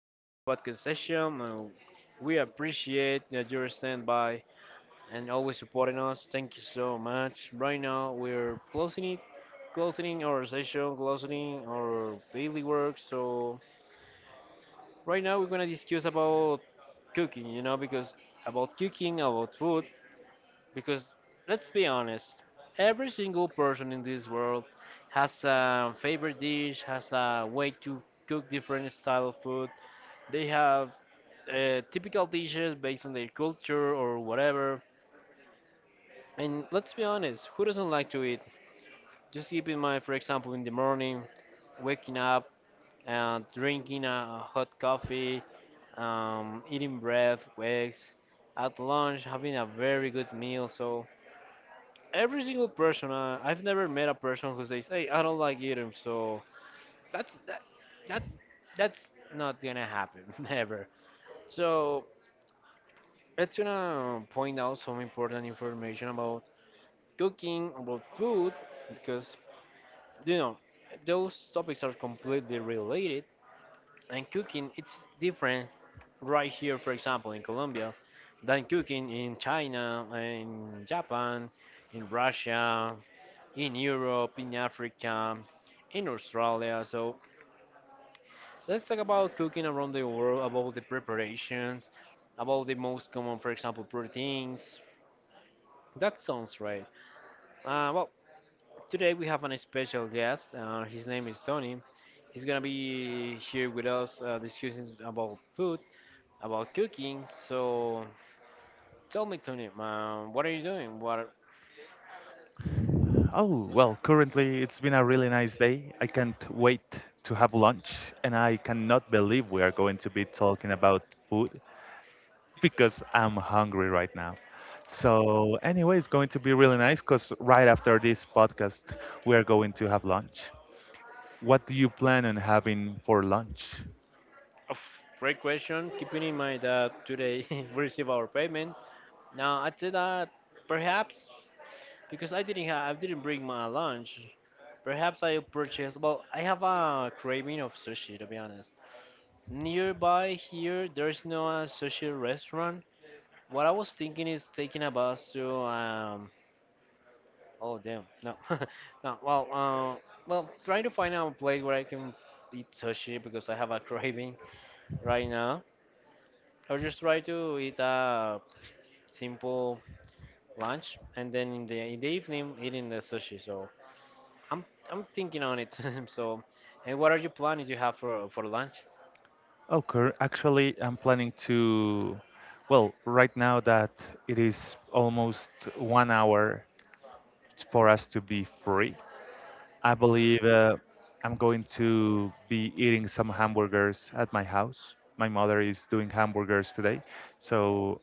in our podcast session. We appreciate that you're standing by and always supporting us. Thank you so much. Right now, we're closing it, closing our session, closing our daily work. So, right now, we're going to discuss about cooking, because about cooking, about food because let's be honest, every single person in this world has a favorite dish, has a way to cook different style of food. They have typical dishes based on their culture or whatever. And let's be honest, who doesn't like to eat? Just keep in mind, for example, in the morning, waking up and drinking a hot coffee, eating bread, eggs. At lunch, having a very good meal. So every single person I've never met a person who says, "Hey, I don't like eating," so that's that that that's not gonna happen never. So it's gonna point out some important information about cooking, about food, because you know those topics are completely related. And cooking, it's different right here, for example, in Colombia, than cooking in China, in Japan, in Russia, in Europe, in Africa, in Australia. So let's talk about cooking around the world, about the preparations, about the most common, for example, proteins. That sounds right. Uh, well, Today we have an special guest. His name is Tony. He's gonna be here with us discussing about food, about cooking. So tell me, Tony, what are you doing? What? Oh, well, currently it's been a really nice day. I can't wait to have lunch, and I cannot believe we are going to be talking about food because I'm hungry right now. So, anyway, it's going to be really nice because right after this podcast, we are going to have lunch. What do you plan on having for lunch? Great question. Keeping in mind that today we receive our payment, now I said that perhaps because I didn't bring my lunch. Perhaps I'll purchase. Well, I have a craving of sushi to be honest. Nearby here, there's no sushi restaurant. What I was thinking is taking a bus to Oh damn, no, no. Well, trying to find out a place where I can eat sushi because I have a craving right now. Or just try to eat a simple lunch and then in the evening eating the sushi. So I'm I'm thinking on it. So, and what are you planning you have for lunch? Actually, I'm planning to. Well, right now that it is almost 1 hour for us to be free, I believe I'm going to be eating some hamburgers at my house. My mother is doing hamburgers today, so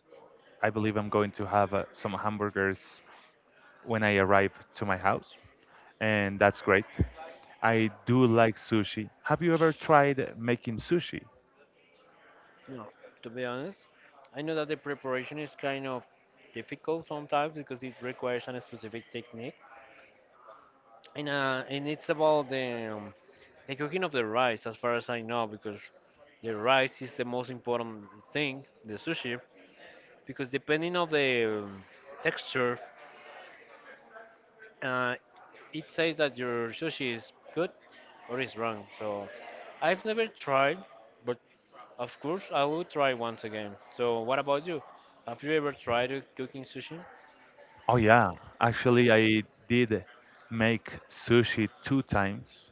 I believe I'm going to have some hamburgers when I arrive to my house, and that's great. I do like sushi. Have you ever tried making sushi? No, to be honest, I know that the preparation is kind of difficult sometimes because it requires a specific technique, and it's about the cooking of the rice, as far as I know, because the rice is the most important thing, the sushi, because depending of the texture, uh, it says that your sushi is good or is wrong. So, I've never tried, but of course, I will try once again. So, what about you? Have you ever tried cooking sushi? Oh yeah, actually I did make sushi 2 times.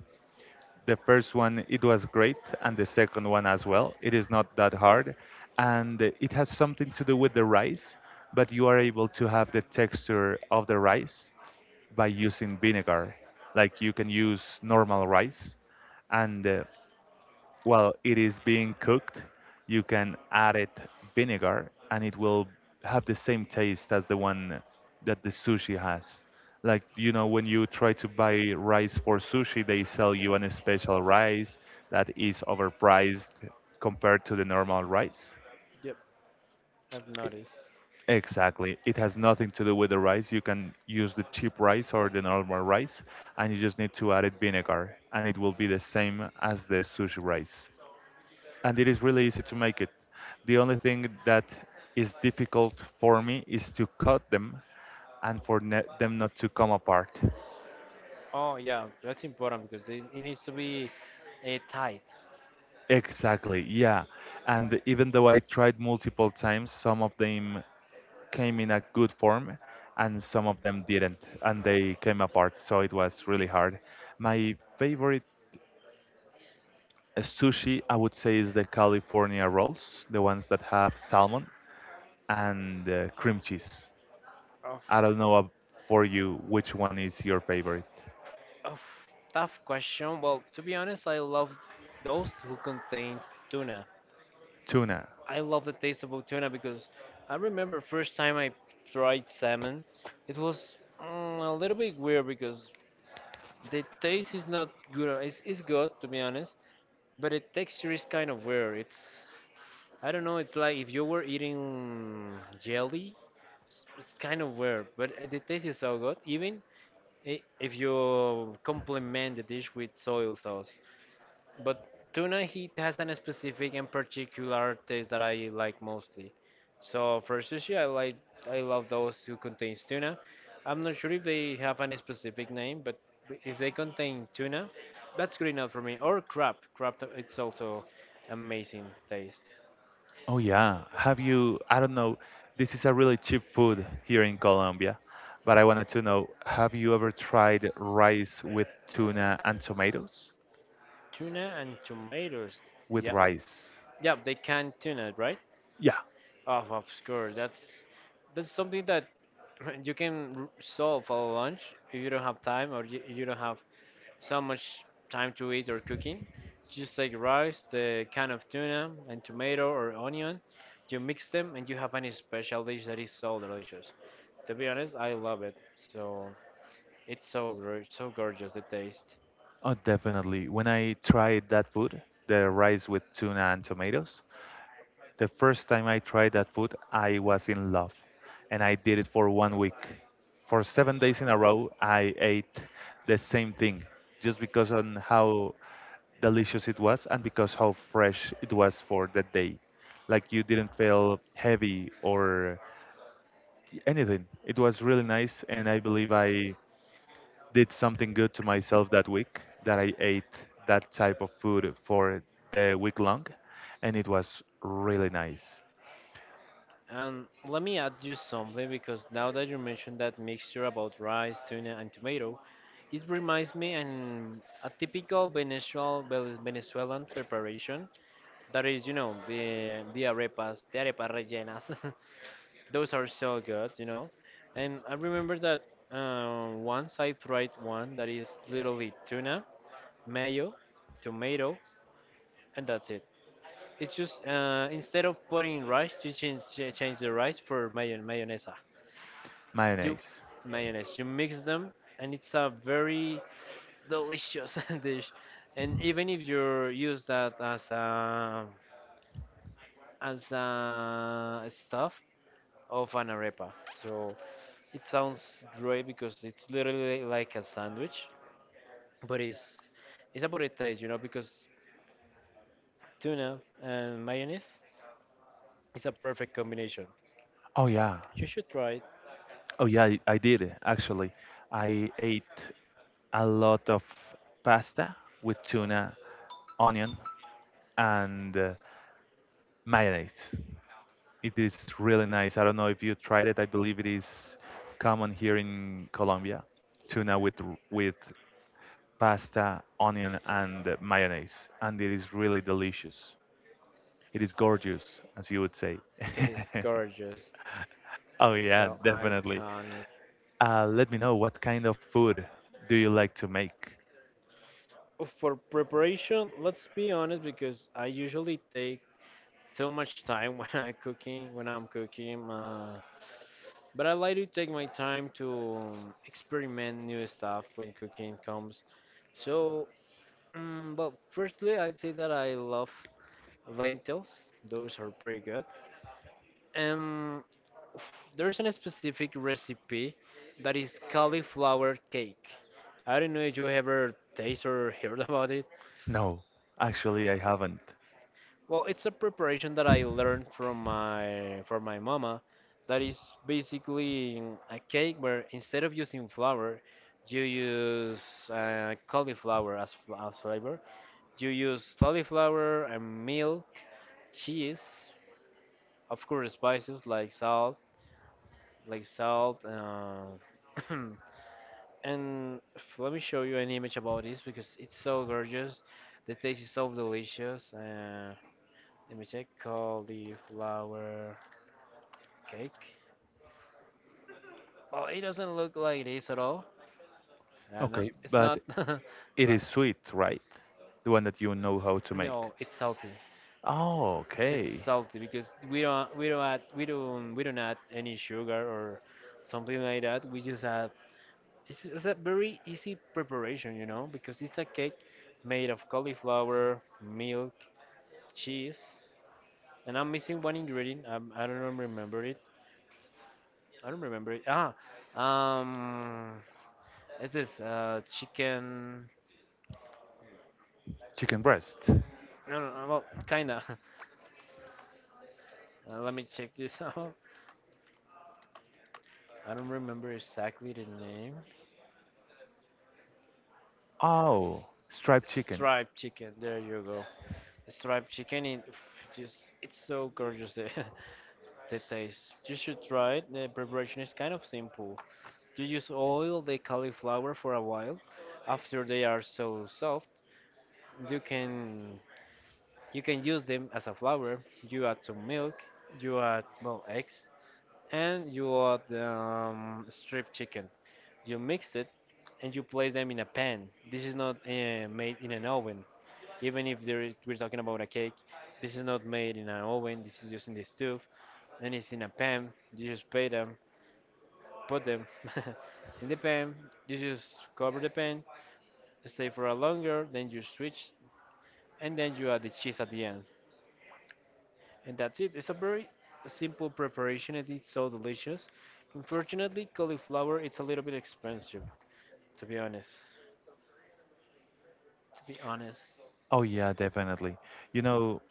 The first one, it was great, and the second one as well. It is not that hard, and it has something to do with the rice, but you are able to have the texture of the rice by using vinegar. Like you can use normal rice, and while it is being cooked, you can add it vinegar and it will have the same taste as the one that the sushi has. Like, you know, when you try to buy rice for sushi, they sell you an special rice that is overpriced compared to the normal rice. Yep. I've noticed. Exactly. It has nothing to do with the rice. You can use the cheap rice or the normal rice, and you just need to add it vinegar, and it will be the same as the sushi rice. And it is really easy to make it. The only thing that is difficult for me is to cut them and for them not to come apart. Oh, yeah, that's important because it needs to be tight. Exactly, yeah. And even though I tried multiple times, some of them came in a good form and some of them didn't, and they came apart, so it was really hard. My favorite sushi, I would say, is the California rolls, the ones that have salmon and cream cheese. Of, I don't know ab- For you, which one is your favorite? of Tough question. Well, to be honest, I love those who contain tuna. Tuna. I love the taste of tuna because I remember first time I tried salmon, it was a little bit weird because the taste is not good. It's good to be honest, but the texture is kind of weird. It's I don't know. It's like if you were eating jelly. It's kind of weird, but the taste is so good. Even if you complement the dish with soy sauce, but tuna heat has an specific and particular taste that I like mostly. So for sushi, I love those who contains tuna. I'm not sure if they have any specific name, but if they contain tuna, that's good enough for me. Or crab. Crab, it's also amazing taste. Oh yeah. Have you? I don't know. This is a really cheap food here in Colombia, but I wanted to know: have you ever tried rice with tuna and tomatoes? Tuna and tomatoes. With Yep. rice. Yep, they can tuna, right? Yeah. Oh, of course. That's something that you can solve for lunch if you don't have time or you don't have so much time to eat or cooking. Just like rice, the can of tuna, and tomato or onion, you mix them and you have any special dish that is so delicious. To be honest, I love it. So it's so gorgeous the taste. Oh, definitely. When I tried that food, the rice with tuna and tomatoes, the first time I tried that food, I was in love. And I did it for 1 week. For 7 days in a row, I ate the same thing just because on how delicious it was and because how fresh it was for that day. Like you didn't feel heavy or anything. It was really nice, and I believe I did something good to myself that week that I ate that type of food for the week long, and it was really nice. And let me add you something because now that you mentioned that mixture about rice, tuna, and tomato, it reminds me an a typical Venezuelan preparation that is, you know, the arepas, the arepas rellenas. Those are so good, you know. And I remember that once I tried one that is literally tuna, mayo, tomato, and that's it. It's just instead of putting rice, you change the rice for mayonnaise. You Mayonnaise. Mayonnaise. You mix them, and it's a very delicious dish. And even if you use that as a stuff of an arepa, so. It sounds great because it's literally like a sandwich, but it's about the taste, you know, because tuna and mayonnaise is a perfect combination. Oh yeah. You should try it. Oh yeah, I did actually. I ate a lot of pasta with tuna, onion, and mayonnaise. It is really nice. I don't know if you tried it. I believe it is common here in Colombia. Tuna with pasta, onion, and mayonnaise, and it is really delicious. It is gorgeous, as you would say. It is gorgeous. Oh It's yeah, so definitely. iconic. Let me know, what kind of food do you like to make? Oh, for preparation, let's be honest, because I usually take too much time when I'm cooking. But I like to take my time to experiment new stuff when cooking comes. So well, firstly, I'd say that I love lentils. Those are pretty good. Um, there's a specific recipe that is cauliflower cake. I don't know if you ever taste or heard about it. No, actually I haven't. Well, it's a preparation that I learned from my mama. That is basically a cake where instead of using flour, you use cauliflower as flavor. You use cauliflower and milk, cheese. Of course, spices like salt, like salt. Uh, and let me show you an image about this because it's so gorgeous. The taste is so delicious. Let me check. Cauliflower cake. Well, it doesn't look like this at all. No, Okay, it's but not. it la- is sweet, right? The one that you know how to make. no, it's salty. Oh, It's okay. salty because we don't add any sugar or something like that. We just add it's a very easy preparation, you know, because it's a cake made of cauliflower, milk, cheese, and I'm missing one ingredient. I do not remember it. I don't remember it. Um, it's this chicken. Chicken breast. No, well, kinda. Let me check this out. I don't remember exactly the name. Oh, striped chicken. Striped chicken. There you go. Striped chicken. It just it's so gorgeous the taste. You should try it. The preparation is kind of simple. You just oil the cauliflower for a while. After they are so soft, you can you can use them as a flour. You add some milk, you add well eggs, and you add strip chicken. You mix it, and you place them in a pan. This is not made in an oven. Even if there is, we're talking about a cake, this is not made in an oven. This is just in the stove, and it's in a pan. You just pay them, put them in the pan. You just cover the pan stay for a longer, then you switch, and then you add the cheese at the end. And that's it. It's a very simple preparation and it's so delicious. Unfortunately, cauliflower it's a little bit expensive, to be honest. To be honest, Oh yeah, definitely. You know,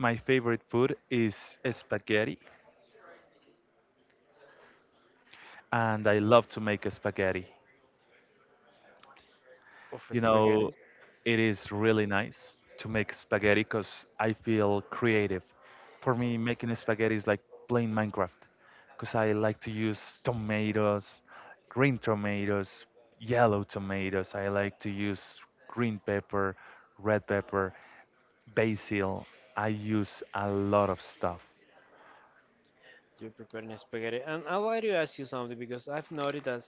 my favorite food is spaghetti, and I love to make spaghetti. of You know, spaghetti, it is really nice to make spaghetti because I feel creative. For me, making spaghetti is like playing Minecraft because I like to use tomatoes, green tomatoes, yellow tomatoes. I like to use green pepper, red pepper, basil. I use a lot of stuff, you're preparing spaghetti. And I'd like to ask you something because I've noticed that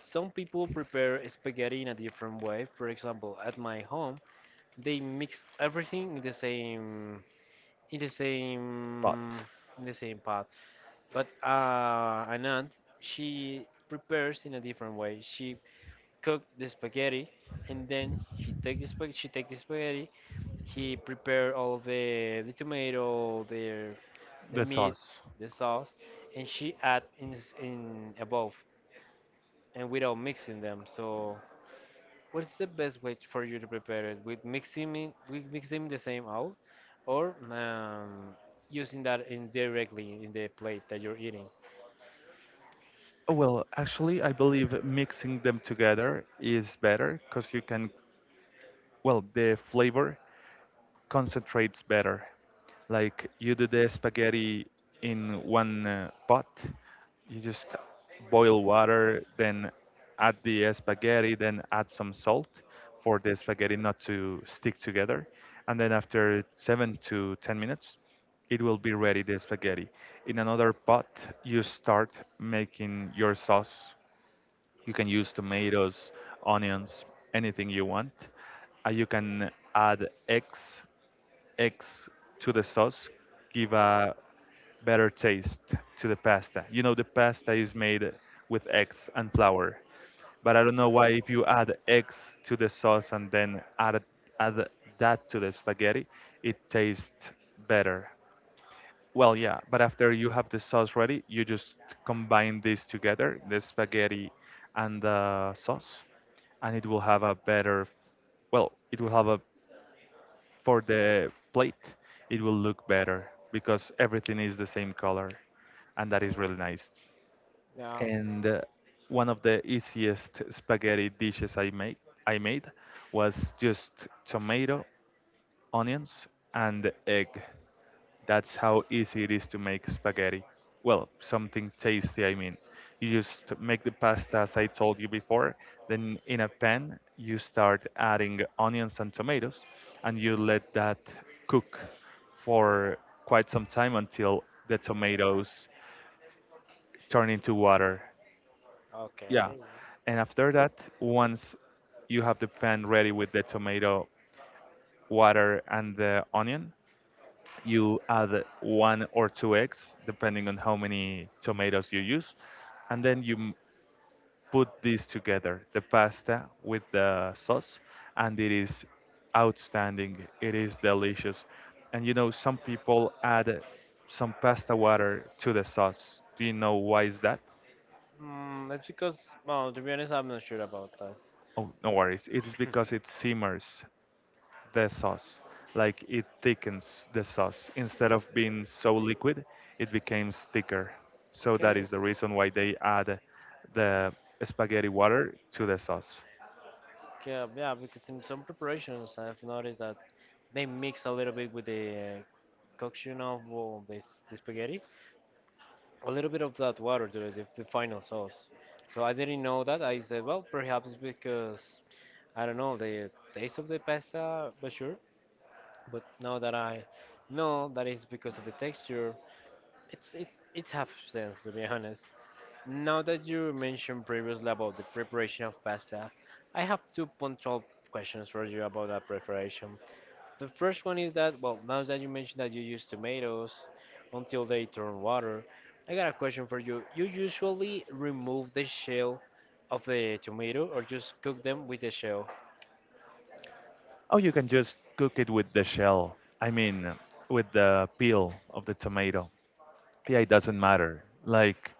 some people prepare spaghetti in a different way. For example, at my home, they mix everything in the same in the but same in the same pot. But an aunt, she prepares in a different way. She cooked the spaghetti, and then he take the spag- she take the spaghetti. He prepare all the tomato, the the meat, sauce. the sauce, and she add in above and without mixing them. So what's the best way for you to prepare it? With mixing it, with mixing the same out, or using that indirectly in the plate that you're eating? Oh, well, actually, I believe mixing them together is better because you can, well, the flavor concentrates better. Like you do the spaghetti in one pot, you just boil water, then add the spaghetti, then add some salt for the spaghetti not to stick together. And then after seven to 10 minutes, it will be ready, the spaghetti. In another pot, you start making your sauce. You can use tomatoes, onions, anything you want. You can add eggs to the sauce, give a better taste to the pasta. You know, the pasta is made with eggs and flour, but I don't know why if you add eggs to the sauce and then add that to the spaghetti, it tastes better. Well, yeah, but after you have the sauce ready, you just combine this together, the spaghetti and the sauce, and it will have a better, well, it will have a, for the plate, it will look better because everything is the same color, and that is really nice. Yeah, And one of the easiest spaghetti dishes I made was just tomato, onions, and egg. That's how easy it is to make spaghetti. Well, something tasty, I mean. You just make the pasta as I told you before. Then, in a pan, you start adding onions and tomatoes, and you let that cook for quite some time until the tomatoes turn into water. Yeah. okay. And after that, once you have the pan ready with the tomato, water, and the onion, you add one or two eggs, depending on how many tomatoes you use, and then put this together, the pasta with the sauce, and it is outstanding. It is delicious. And you know, some people add some pasta water to the sauce. Do you know why is that? Mm, that's because, well, to be honest, I'm not sure about that. Oh, no worries. It is because it simmers the sauce. Like it thickens the sauce. Instead of being so liquid, it becomes thicker. So that Okay. is the reason why they add the spaghetti water to the sauce. Yeah, yeah, because in some preparations, I've noticed that they mix a little bit with the coction of the spaghetti, a little bit of that water to the final sauce. So I didn't know that. I said, well, perhaps it's because, I don't know, the taste of the pasta, but sure. But now that I know that it's because of the texture, it's it it half sense to be honest. Now that you mentioned previously about the preparation of pasta, I have two punctual questions for you about that preparation. The first one is that, well, now that you mentioned that you use tomatoes until they turn water, I got a question for you. You usually remove the shell of the tomato or just cook them with the shell? Oh, you can just cook it with the shell. I mean, with the peel of the tomato. Yeah, it doesn't matter. Like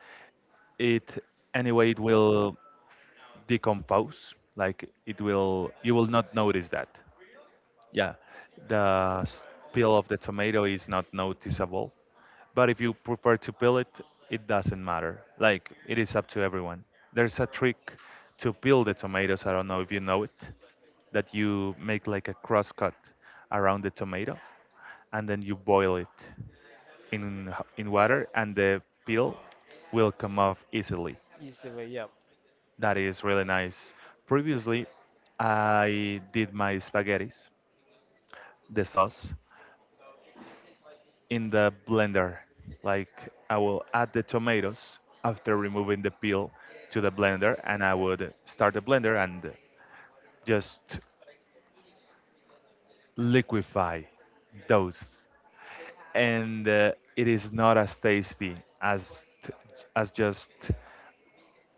it anyway, it will decompose. Like it will, you will not notice that. Yeah, the s- peel of the tomato is not noticeable, but if you prefer to peel it, it doesn't matter. Like it is up to everyone. There's a trick to peel the tomatoes. I don't know if you know it, that you make like a cross cut around the tomato and then you boil it in water and the peel will come off easily. Easily, yeah. That is really nice. Previously, I did my spaghettis, the sauce, in the blender. Like I will add the tomatoes after removing the peel to the blender, and I would start the blender and just liquefy those. And it is not as tasty as t- as just,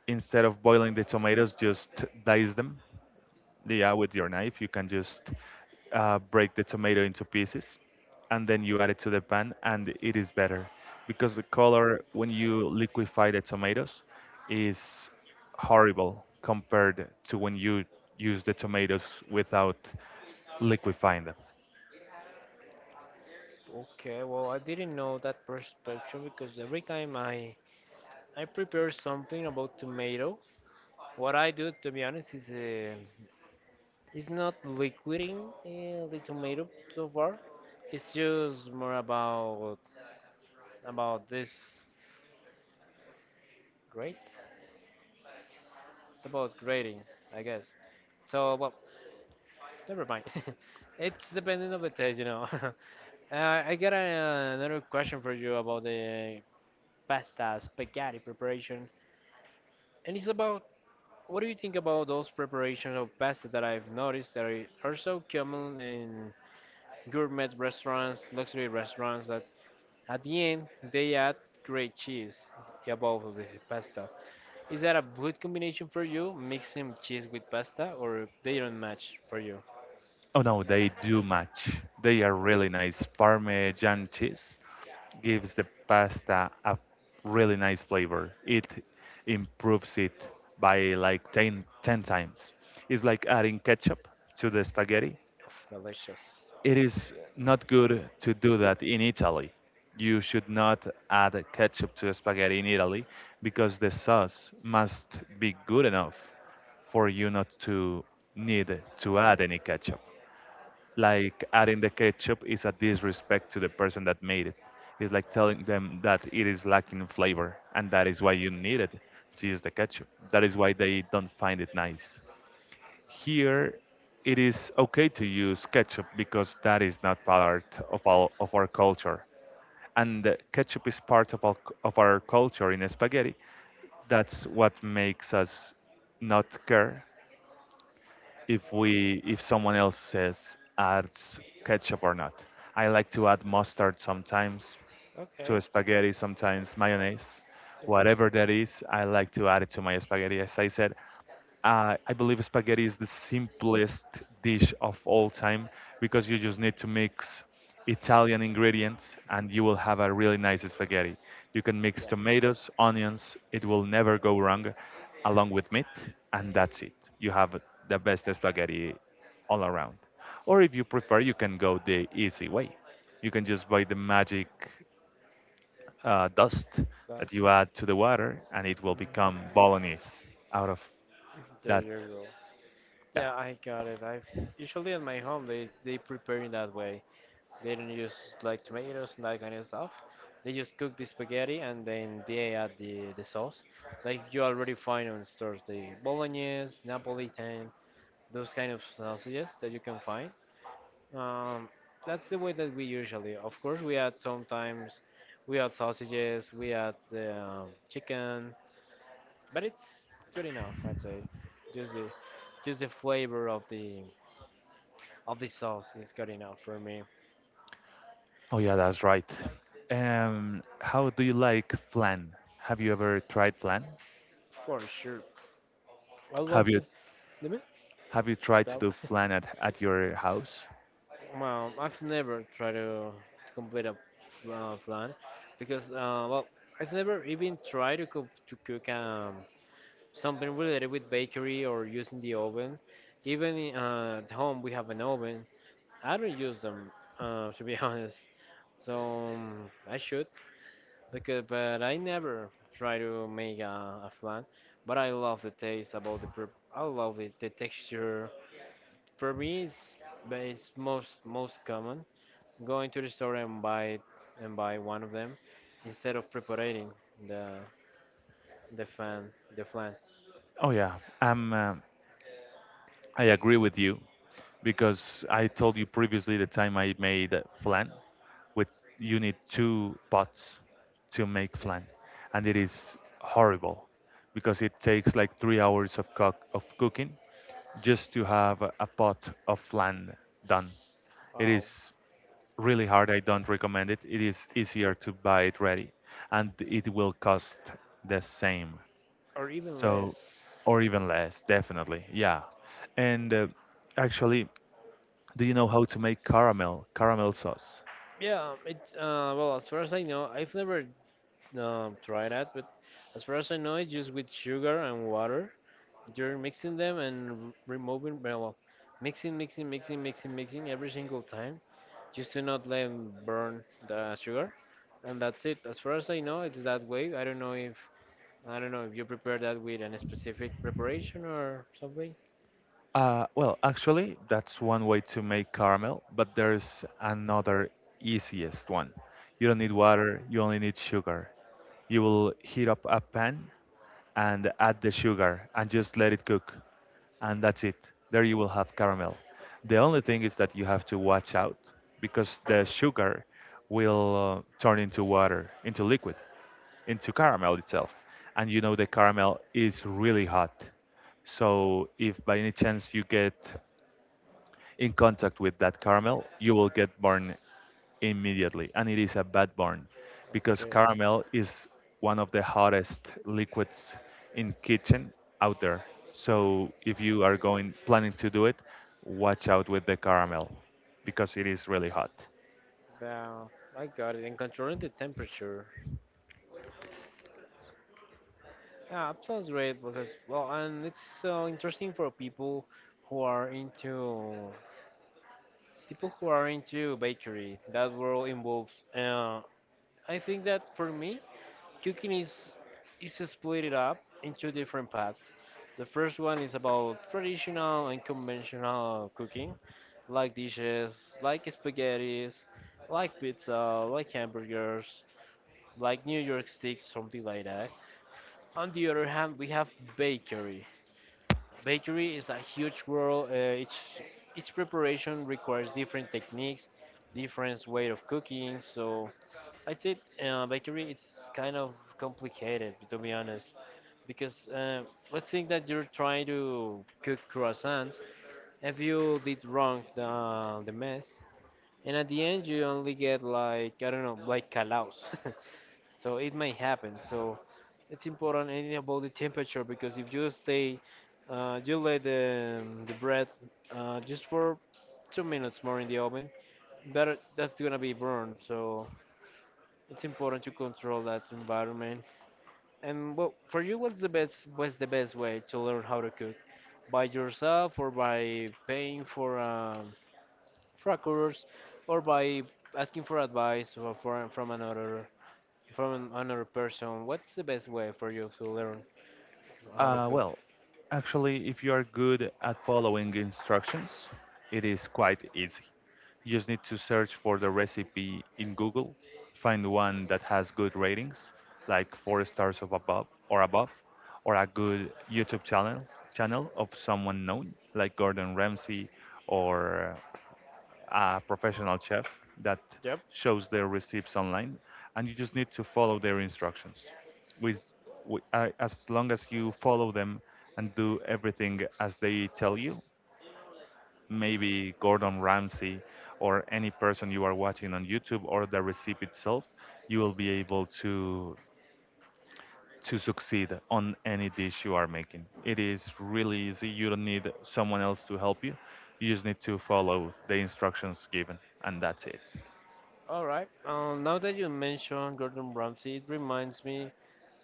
instead of boiling the tomatoes, just dice them. Yeah, with your knife, you can just break the tomato into pieces and then you add it to the pan, and it is better because the color when you liquefy the tomatoes is horrible compared to when you use the tomatoes without liquefying them. Okay, well, I didn't know that perspective because every time I prepare something about tomato, what I do, to be honest, is uh, it's not liquiding the tomato so far. It's just more about this grade. It's about grading, I guess. So well, never mind. It's depending on the taste, you know. I got another question for you about the pasta spaghetti preparation, and it's about what do you think about those preparations of pasta that I've noticed that are so common in gourmet restaurants, luxury restaurants that at the end, they add great cheese above the pasta. Is that a good combination for you, mixing cheese with pasta, or they don't match for you? Oh no, they do match. They are really nice. Parmesan cheese gives the pasta a really nice flavor. It improves it by like 10, 10 times. It's like adding ketchup to the spaghetti. Oof, delicious. It is not good to do that in Italy. You should not add ketchup to spaghetti in Italy because the sauce must be good enough for you not to need to add any ketchup, like adding the ketchup is a disrespect to the person that made it. It's like telling them that it is lacking flavor and that is why you need it to use the ketchup. That is why they don't find it nice. Here, it is okay to use ketchup because that is not part of our culture. And ketchup is part of our culture in spaghetti. That's what makes us not care if we, if someone else says, adds ketchup or not. I like to add mustard sometimes, Okay, to spaghetti, sometimes mayonnaise, whatever. whatever that is. I like to add it to my spaghetti. As I said, I believe spaghetti is the simplest dish of all time because you just need to mix Italian ingredients and you will have a really nice spaghetti. You can mix Yeah, tomatoes, onions, it will never go wrong, along with meat, and that's it. You have the best spaghetti all around. Or if you prefer, you can go the easy way. You can just buy the magic dust that sauce. you add to the water, and it will Mm, become bolognese out of there that. you go. Yeah. Yeah, I got it. I've usually at my home they prepare in that way. They don't use like tomatoes and that kind of stuff. They just cook the spaghetti and then they add the sauce. Like you already find on stores the bolognese, napolitan, those kind of sausages that you can find. Um, that's the way that we usually. Of course, we add sometimes we add sausages, we add chicken, but it's good enough, I'd say. Just the just the flavor of the sauce is good enough for me, Oh, yeah, that's right. How do you like flan? Have you ever tried flan? for sure. I love Have you the have you tried to that, do flan at your house? well, I've never tried to complete a plan because, well, I've never even tried to cook something related with bakery or using the oven. Even at home, we have an oven. I don't use them, to be honest. So I should, because but I never try to make a flan. But I love the taste about the prep. I love it, the texture. For me, it's most common, going to the store and buy one of them instead of preparing the the fan the flan. Oh yeah, I agree with you. Because I told you previously the time I made flan with, you need two pots to make flan, and it is horrible because it takes like 3 hours of cooking just to have a pot of flan done. It is Wow, really hard. I don't recommend it. It is easier to buy it ready, and it will cost the same. or even less. So or even less, definitely. Yeah. And actually, do you know how to make caramel sauce? Yeah, it's well, as far as I know, I've never tried that, but as far as I know, it's just with sugar and water. You're mixing them and removing, well, mixing mixing every single time just to not let burn the sugar, and that's it. As far as I know, it's that way. I don't know if I don't know if you prepare that with a specific preparation or something. Well, actually, that's one way to make caramel, but there's another easiest one. You don't need water, you only need sugar. You will heat up a pan and add the sugar and just let it cook. And that's it. There you will have caramel. The only thing is that you have to watch out because the sugar will turn into water, into liquid, into caramel itself. And you know the caramel is really hot. So if by any chance you get in contact with that caramel, you will get burned immediately. And it is a bad burn because Okay. caramel is one of the hottest liquids in kitchen out there. So if you are going planning to do it, watch out with the caramel because it is really hot. Wow, I got it. And controlling the temperature. Yeah, that sounds great because well, and it's so interesting for people who are into people who are into bakery. That world involves. I think that for me, cooking is split it up into different paths. The first one is about traditional and conventional cooking, like dishes, like spaghettis, like pizza, like hamburgers, like New York sticks, something like that. On the other hand, we have bakery. Bakery is a huge world. Each preparation requires different techniques, different way of cooking. So I'd say bakery it's kind of complicated, to be honest, because let's think that you're trying to cook croissants. If you did wrong the mess, and at the end you only get like I don't know, like calaos. So it may happen. So it's important and about the temperature because if you stay, you let the bread just for 2 minutes more in the oven, that's gonna be burned. So it's important to control that environment. And well, for you, what's the best way to learn how to cook? By yourself or by paying for a trackers or by asking for advice or from another from another person, what's the best way for you to learn how to cook? Well, actually, if you are good at following instructions, it is quite easy. You just need to search for the recipe in Google, find one that has good ratings, like 4 stars of above or above, or a good YouTube channel of someone known, like Gordon Ramsay or a professional chef that Yep. shows their recipes online, and you just need to follow their instructions. With, with as long as you follow them and do everything as they tell you, maybe Gordon Ramsay or any person you are watching on YouTube or the recipe itself, you will be able to succeed on any dish you are making. It is really easy. You don't need someone else to help you. You just need to follow the instructions given, and that's it. All right, now that you mentioned Gordon Ramsay, it reminds me,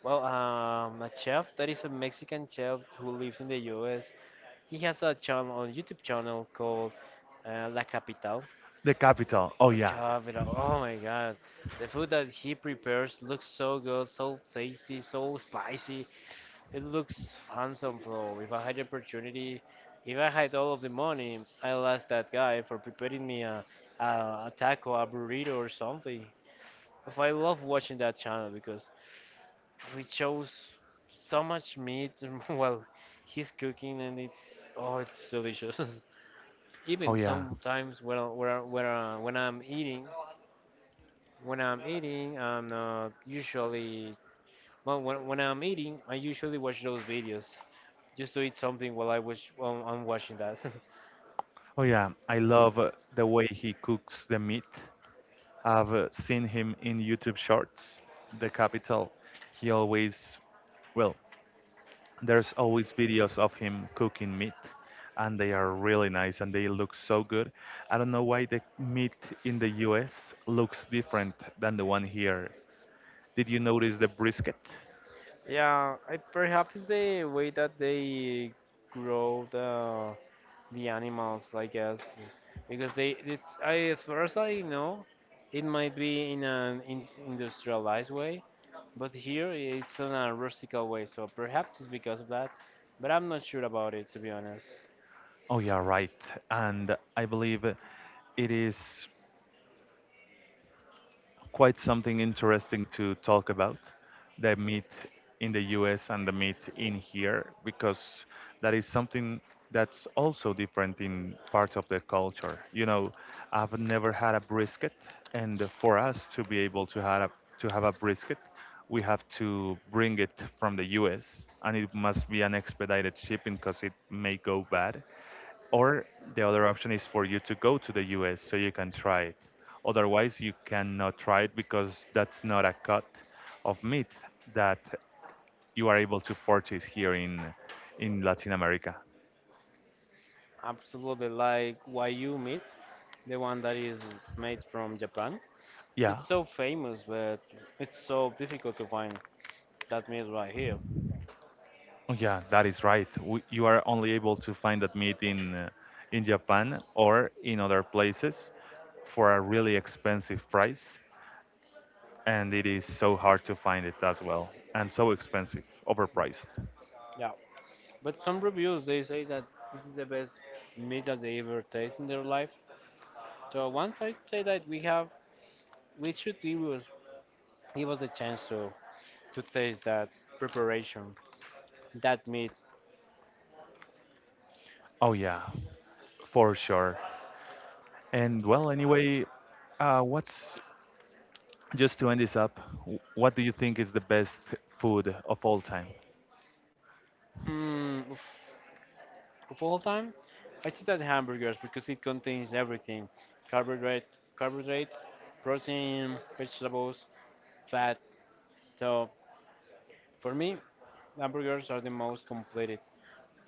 well, a chef that is a Mexican chef who lives in the US. He has a channel on YouTube channel called La Capital. The capital. Oh yeah. Capital, oh my god, the food that he prepares looks so good, so tasty, so spicy. It looks handsome, bro. If I had the opportunity, if I had all of the money, I'll ask that guy for preparing me a taco, a burrito, or something. If I love watching that channel because we chose so much meat while he's cooking, and it's oh, it's delicious. Oh Even yeah. sometimes when I'm eating, I'm not usually. Well, when I'm eating, I usually watch those videos just to eat something while I'm watching that. Oh yeah. I love the way he cooks the meat. I've seen him in YouTube shorts. The capital. He always, well, there's always videos of him cooking meat, and they are really nice and they look so good. I don't know why the meat in the US looks different than the one here. Did you notice the brisket? Yeah, I, perhaps the way that they grow the animals, I guess, because they it's, I, as far as I know, it might be in an in industrialized way, but here it's in a rustical way. So perhaps it's because of that, but I'm not sure about it, to be honest. Oh yeah, right. And I believe it is quite something interesting to talk about the meat in the US and the meat in here because that is something that's also different in parts of the culture. You know, I've never had a brisket, and for us to be able to have to have a brisket, we have to bring it from the US and it must be an expedited shipping because it may go bad, or the other option is for you to go to the US so you can try it. Otherwise, you cannot try it because that's not a cut of meat that you are able to purchase here in Latin America. Absolutely, like Wagyu meat, the one that is made from Japan. Yeah, It's so famous, but it's so difficult to find that meat right here. oh yeah, that is right. W you are only able to find that meat in Japan or in other places for a really expensive price, and it is so hard to find it as well, and so expensive, overpriced. Yeah. But some reviews they say that this is the best meat that they ever taste in their life. So once I say that we have, we should give us a chance to taste that preparation, that meat. Oh yeah, for sure. And well, anyway, what's just to end this up? W- what do you think is the best food of all time? Mm, oof. Of all time, I think that hamburgers, because it contains everything: carbohydrate, carbohydrate, protein, vegetables, fat. So for me, hamburgers are the most completed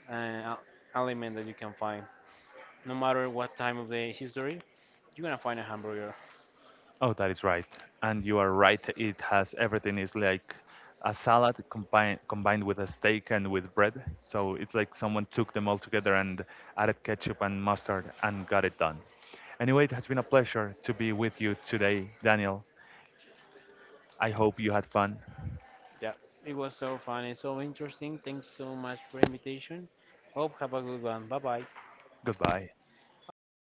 uh, aliment that you can find. No matter what time of the history, you're gonna find a hamburger. Oh, that is right, and you are right. It has everything. It's like a salad combined with a steak and with bread. So it's like someone took them all together and added ketchup and mustard and got it done. Anyway, it has been a pleasure to be with you today, Daniel. I hope you had fun. Yeah, it was so fun and so interesting. Thanks so much for invitation. Hope have a good one. Bye bye. Goodbye. Bye bye.